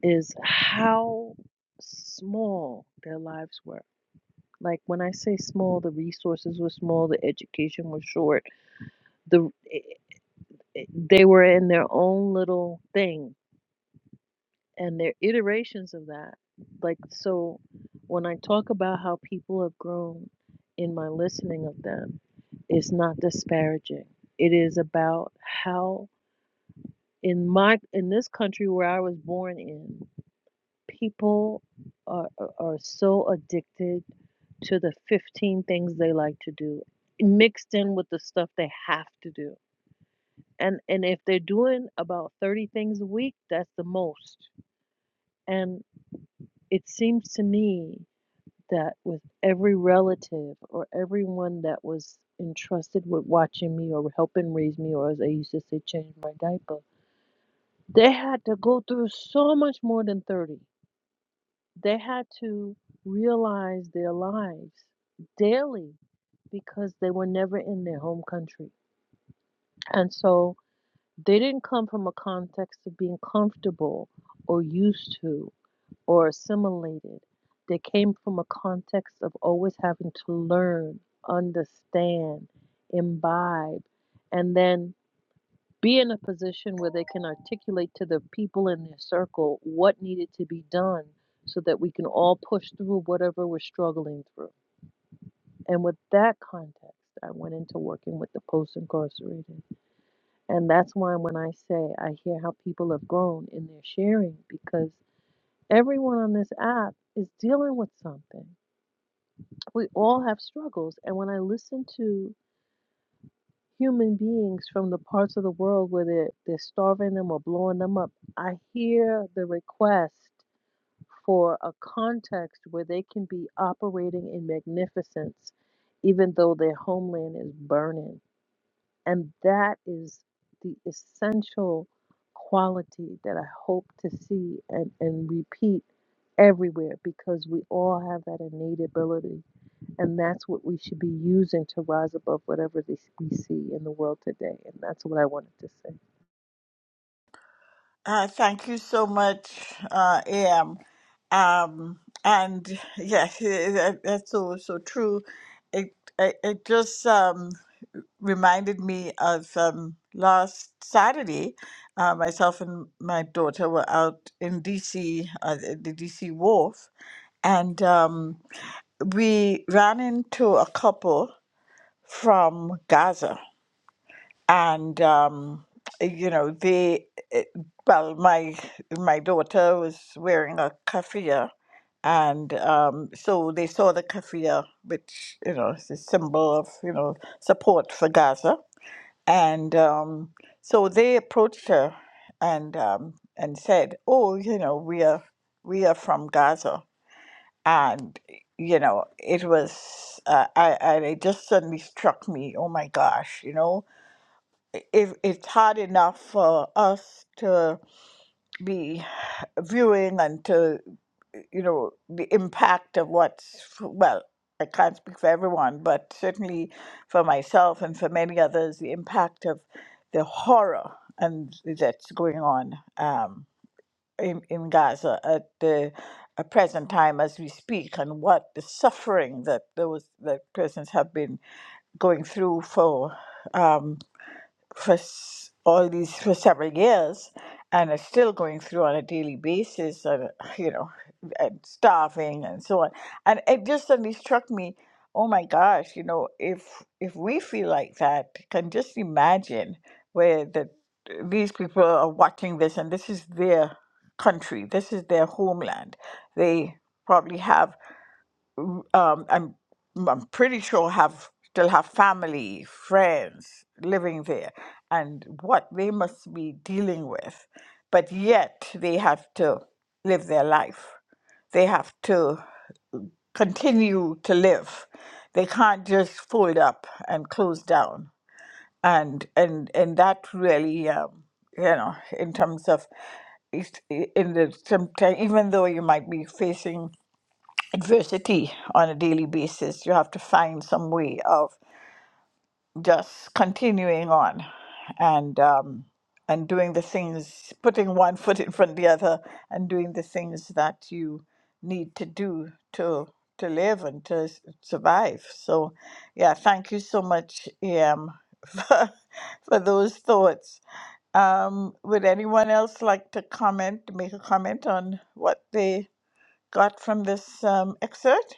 S7: is how small their lives were. Like, when I say small, the resources were small, the education was short, the, eh, eh, they were in their own little thing and they're iterations of that. Like, so when I talk about how people have grown in my listening of them, it's not disparaging. It is about how in my in this country where I was born in, people are are are so addicted to the 15 things they like to do mixed in with the stuff they have to do. And and if they're doing about 30 things a week, that's the most. And it seems to me that with every relative or everyone that was entrusted with watching me or helping raise me, or as I used to say, change my diaper, they had to go through so much more than 30. They had to realize their lives daily because they were never in their home country. And so they didn't come from a context of being comfortable or used to or assimilated. They came from a context of always having to learn, understand, imbibe, and then be in a position where they can articulate to the people in their circle what needed to be done so that we can all push through whatever we're struggling through. And with that context, I went into working with the post incarcerated. And that's why when I say I hear how people have grown in their sharing, because. Everyone on this app is dealing with something. We all have struggles. And when I listen to human beings from the parts of the world where they're, they're starving them or blowing them up, I hear the request for a context where they can be operating in magnificence, even though their homeland is burning. And that is the essential quality that I hope to see and, and repeat everywhere because we all have that innate ability. And that's what we should be using to rise above whatever this we see in the world today. And that's what I wanted to say.
S3: Uh, thank you so much, uh, AM. Um, and yes, eh, that- that's so so true. It it, it just um, reminded me of um, last Saturday. Uh, myself and my daughter were out in DC, uh, the the DC Wharf, and um, we ran into a couple from Gaza, and um, you know they. eh, Well, my my daughter was wearing a kafia, and um, so they saw the kafia, which you know is a symbol of you know support for Gaza and um, so they approached her and um, and said, "Oh, you know, we are we are from Gaza." And you know, it was uh, I, I it just suddenly struck me, "Oh my gosh, you know, if it's hard enough for us to be viewing and to you know the impact of what's well i can't speak for everyone but certainly for myself and for many others the impact of the horror and that's going on um, in, in gaza at the at present time as we speak and what the suffering that those that persons have been going through for um, for s- all these for several years and are still going through on a daily basis and you know and starving and so on and it just suddenly struck me oh my gosh you know if if we feel like that can just imagine where that these people are watching this and this is their country this is their homeland they probably have um, I'm I'm pretty sure have still have family, friends living there, and what they must be dealing with, but yet they have to live their life. They have to continue to live. They can't just fold up and close down. And and and that really, um, you know, in terms of, it's- in the sometimes even though you might be facing adversity on a daily basis. You have to find some way of just continuing on and um, and doing the things, putting one foot in front of the other, and doing the things that you need to do to to live and to s- survive. So, yeah, thank you so much, Am, for, for those thoughts. Um, would anyone else like to comment, make a comment on what they got from this um, excerpt?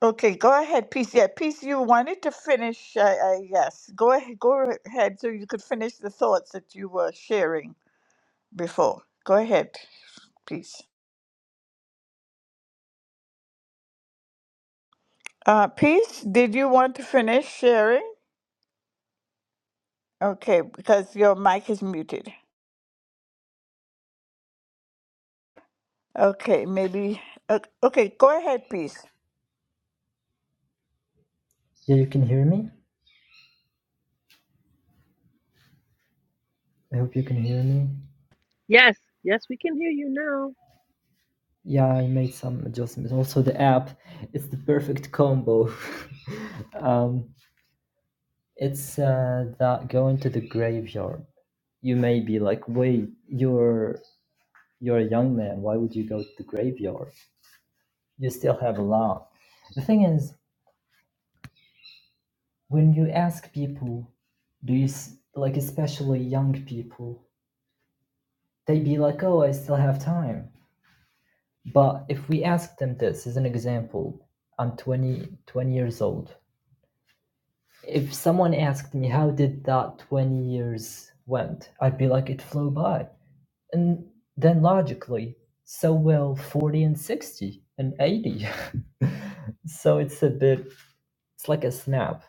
S3: Okay, go ahead, Peace. Yeah, Peace, you wanted to finish. Uh, uh, yes, go ahead, go ahead, so you could finish the thoughts that you were sharing before. Go ahead, Peace. Uh, Peace, did you want to finish sharing? Okay, because your mic is muted. Okay, maybe. Uh, okay, go ahead, Peace.
S4: yeah, you can hear me? I hope you can hear me.
S7: Yes, yes, we can hear you now.
S4: Yeah, I made some adjustments. Also, the app, it's the perfect combo. um, it's uh, that going to the graveyard. You may be like, wait, you're you're a young man. Why would you go to the graveyard? You still have a lot. The thing is, when you ask people, do you s- like, especially young people, they be like, oh, I still have time. But if we ask them this as an example, I'm twenty twenty years old If someone asked me how did that 20 years went, I'd be like it flew by. And then logically, so will 40 and 60 and 80. so it's a bit it's like a snap.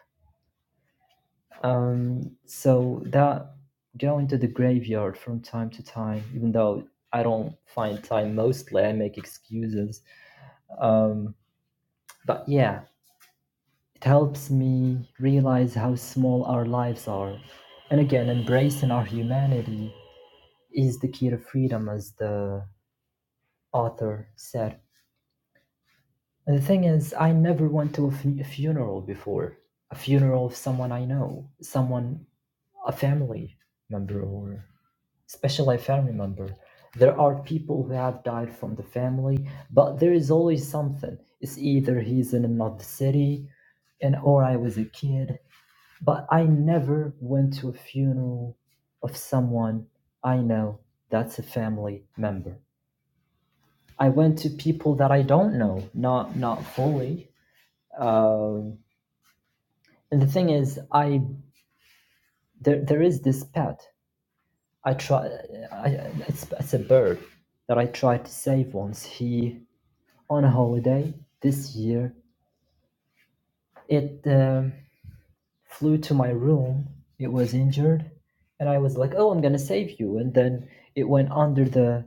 S4: Um so that going to the graveyard from time to time, even though I don't find time mostly, I make excuses. Um but yeah, It helps me realize how small our lives are. And again, embracing our humanity is the key to freedom, as the author said. And the thing is, I never went to a fu- a funeral before. A funeral of someone I know, someone, a family member, or especially a family member. There are people who have died from the family, but there is always something. It's either he's in another city, and or I was a kid, But I never went to a funeral of someone I know that's a family member. I went to people that I don't know, not not fully. Um, and the thing is, I there there is this pet. I try. I, it's it's a bird that I tried to save once. He on a holiday this year. It um, flew to my room. It was injured, and I was like, "Oh, I'm gonna save you!" And then it went under the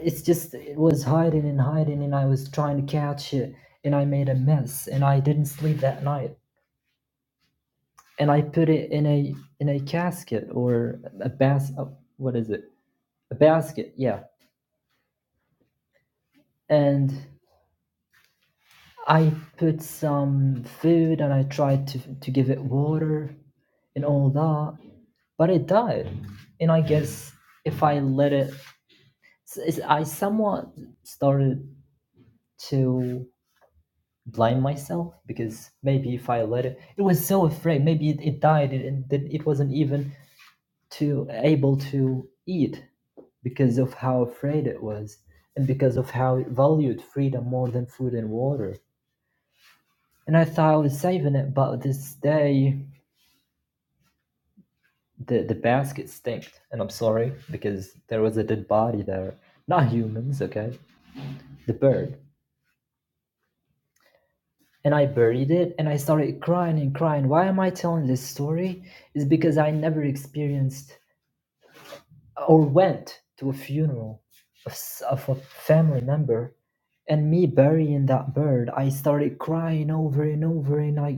S4: it's just it was hiding and hiding and i was trying to catch it and i made a mess and i didn't sleep that night and i put it in a in a casket or a bas oh, what is it a basket yeah and i put some food and i tried to to give it water and all that but it died and i guess if i let it s- s- i somewhat started to blame myself because maybe if I let it, it was so afraid. Maybe it, it died and that it wasn't even to able to eat because of how afraid it was and because of how it valued freedom more than food and water. And I thought I was saving it, but this day the the basket stinked, and I'm sorry because there was a dead body there. Not humans, okay? The bird. And I buried it and I started crying and crying. Why am I telling this story? Is because I never experienced or went to a funeral of, s- of a family member and me burying that bird i started crying over and over and i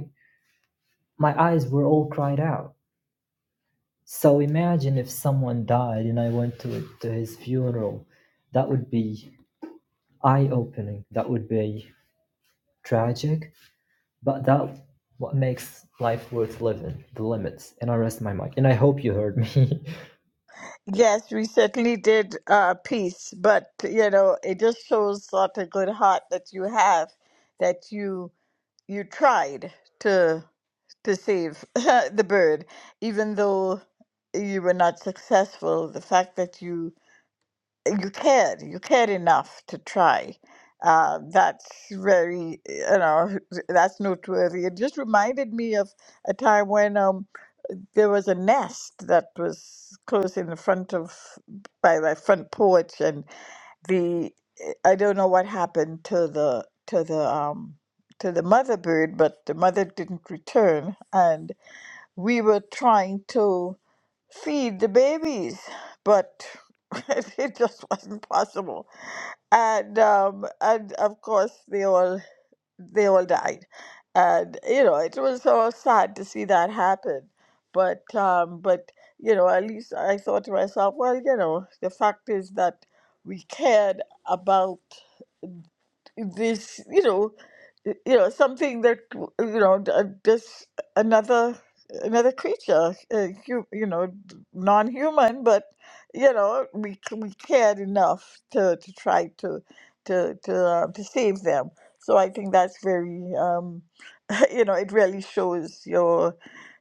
S4: my eyes were all cried out so imagine if someone died and i went to to his funeral that would be eye opening that would be tragic but that what makes life worth living the limits and i rest my mic and i hope you heard me
S3: Yes, we certainly did uh, Peace, but you know, it just shows what a good heart that you have, that you you tried to to save the bird, even though you were not successful. The fact that you you cared, you cared enough to try. Uh, that's very, you know, that's noteworthy. It just reminded me of a time when um, there was a nest that was close in the front of by my front porch, and the I don't know what happened to the to the um to the mother bird, but the mother didn't return, and we were trying to feed the babies, but it just wasn't possible. And um, and of course they all they all died. And you know, it was so sad to see that happen. But um, but you know, at least I thought to myself, well, you know, the fact is that we cared about this you know y- you know something that w- you know d- uh, just another another creature uh, hu- you know d- non-human but you know we c- we cared enough to to try to to to uh, to save them so i think that's very um you know it really shows your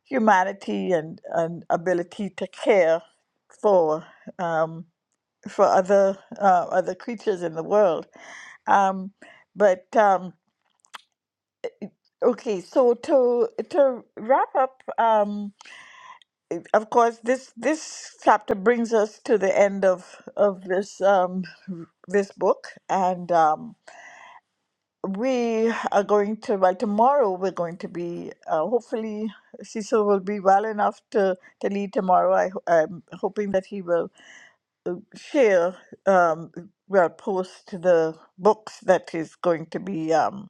S3: humanity and and ability to care for um for other uh, other creatures in the world um, but um, okay, so to to wrap up, um, of course, this this chapter brings us to the end of of this um, this book, and um, we are going to by tomorrow. We're going to be uh, hopefully Cecil will be well enough to to lead tomorrow. I, ho- I'm hoping that he will share um, well post the books that is going to be. Um,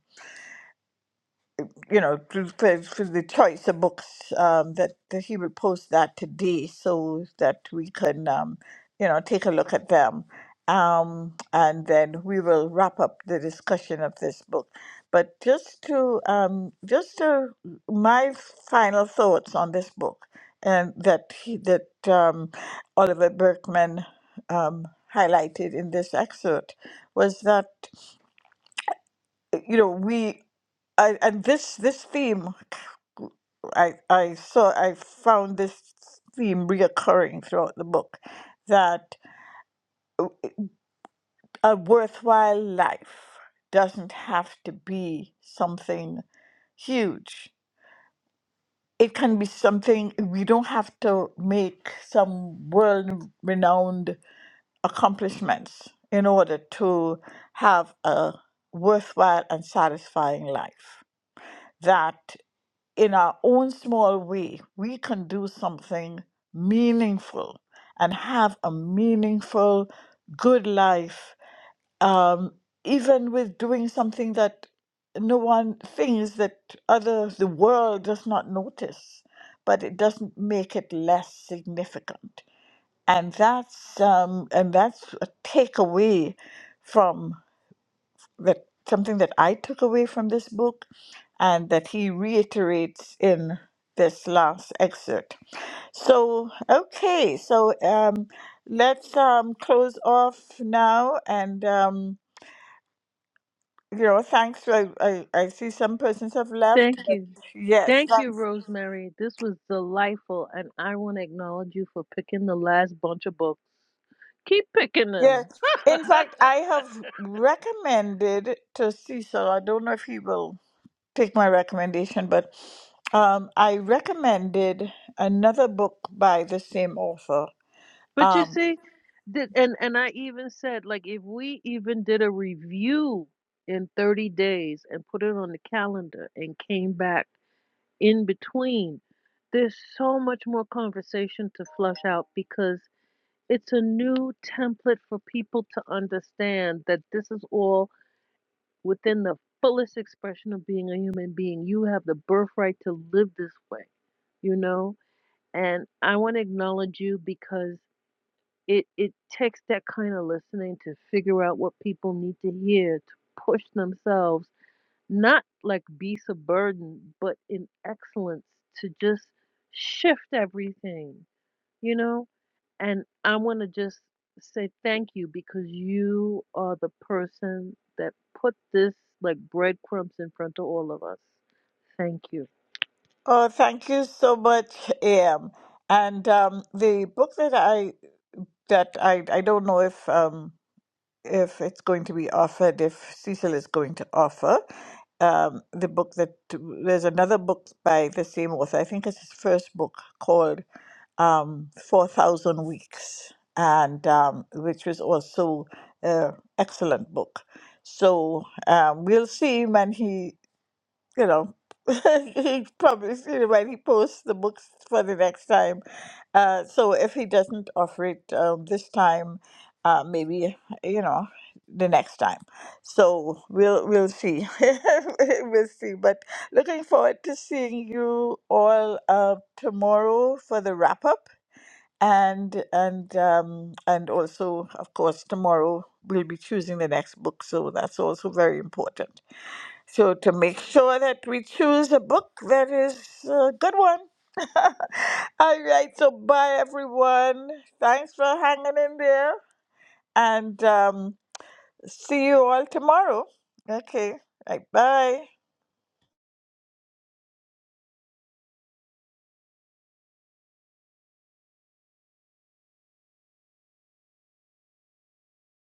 S3: you know, to- for, for the choice of books um, that, that he will post that today so that we can, um, you know, take a look at them. Um, and then we will wrap up the discussion of this book. But just to, um, just to my final thoughts on this book and that, he, that um, Oliver Berkman um, highlighted in this excerpt was that you know we I, and this this theme I I saw I found this theme reoccurring throughout the book that a worthwhile life doesn't have to be something huge. It can be something we don't have to make some world renowned accomplishments in order to have a worthwhile and satisfying life. that in our own small way, we can do something meaningful and have a meaningful, good life, um, even with doing something that no one thinks that other the world does not notice, but it doesn't make it less significant. And that's um, and that's a takeaway from that something that I took away from this book and that he reiterates in this last excerpt. So, okay, so um, let's um, close off now. And, um, you know, thanks. For, I, I see some persons have left.
S7: Thank
S3: But
S7: you.
S3: yes,
S7: Thank you,
S3: thanks.
S7: Rosemary. This was delightful. And I want to acknowledge you for picking the last bunch of books. Keep picking
S3: Yes.
S7: them.
S3: In fact, I have recommended to Cecil, I don't know if he will take my recommendation, but um, I recommended another book by the same author.
S7: But you
S3: Um,
S7: see, that and and I even said like if we even did a review in 30 days and put it on the calendar and came back in between, there's so much more conversation to flush out because it's a new template for people to understand that this is all within the fullest expression of being a human being. You have the birthright to live this way, you know? And I want to acknowledge you because it it takes that kind of listening to figure out what people need to hear to push themselves not like be subburdened but in excellence to just shift everything you know and i want to just say thank you because you are the person that put this like breadcrumbs in front of all of us thank you
S3: oh, thank you so much, Am. And um, the book that I that I I don't know if um, if it's going to be offered, if Cecil is going to offer. Um, the book that there's another book by the same author, I think it's his first book called um, 4,000 Weeks, and um, which was also an excellent book. So um, we'll see when he you know, he promised, you know, when he posts the books for the next time. Uh, so if he doesn't offer it um, this time, uh, maybe you know the next time. So we'll we'll see, we'll see. But looking forward to seeing you all uh, tomorrow for the wrap up, and and um, and also of course tomorrow we'll be choosing the next book. So that's also very important. So to make sure that we choose a book that is a good one. All right, so bye everyone. Thanks for hanging in there, and um, see you all tomorrow. Okay, right, bye.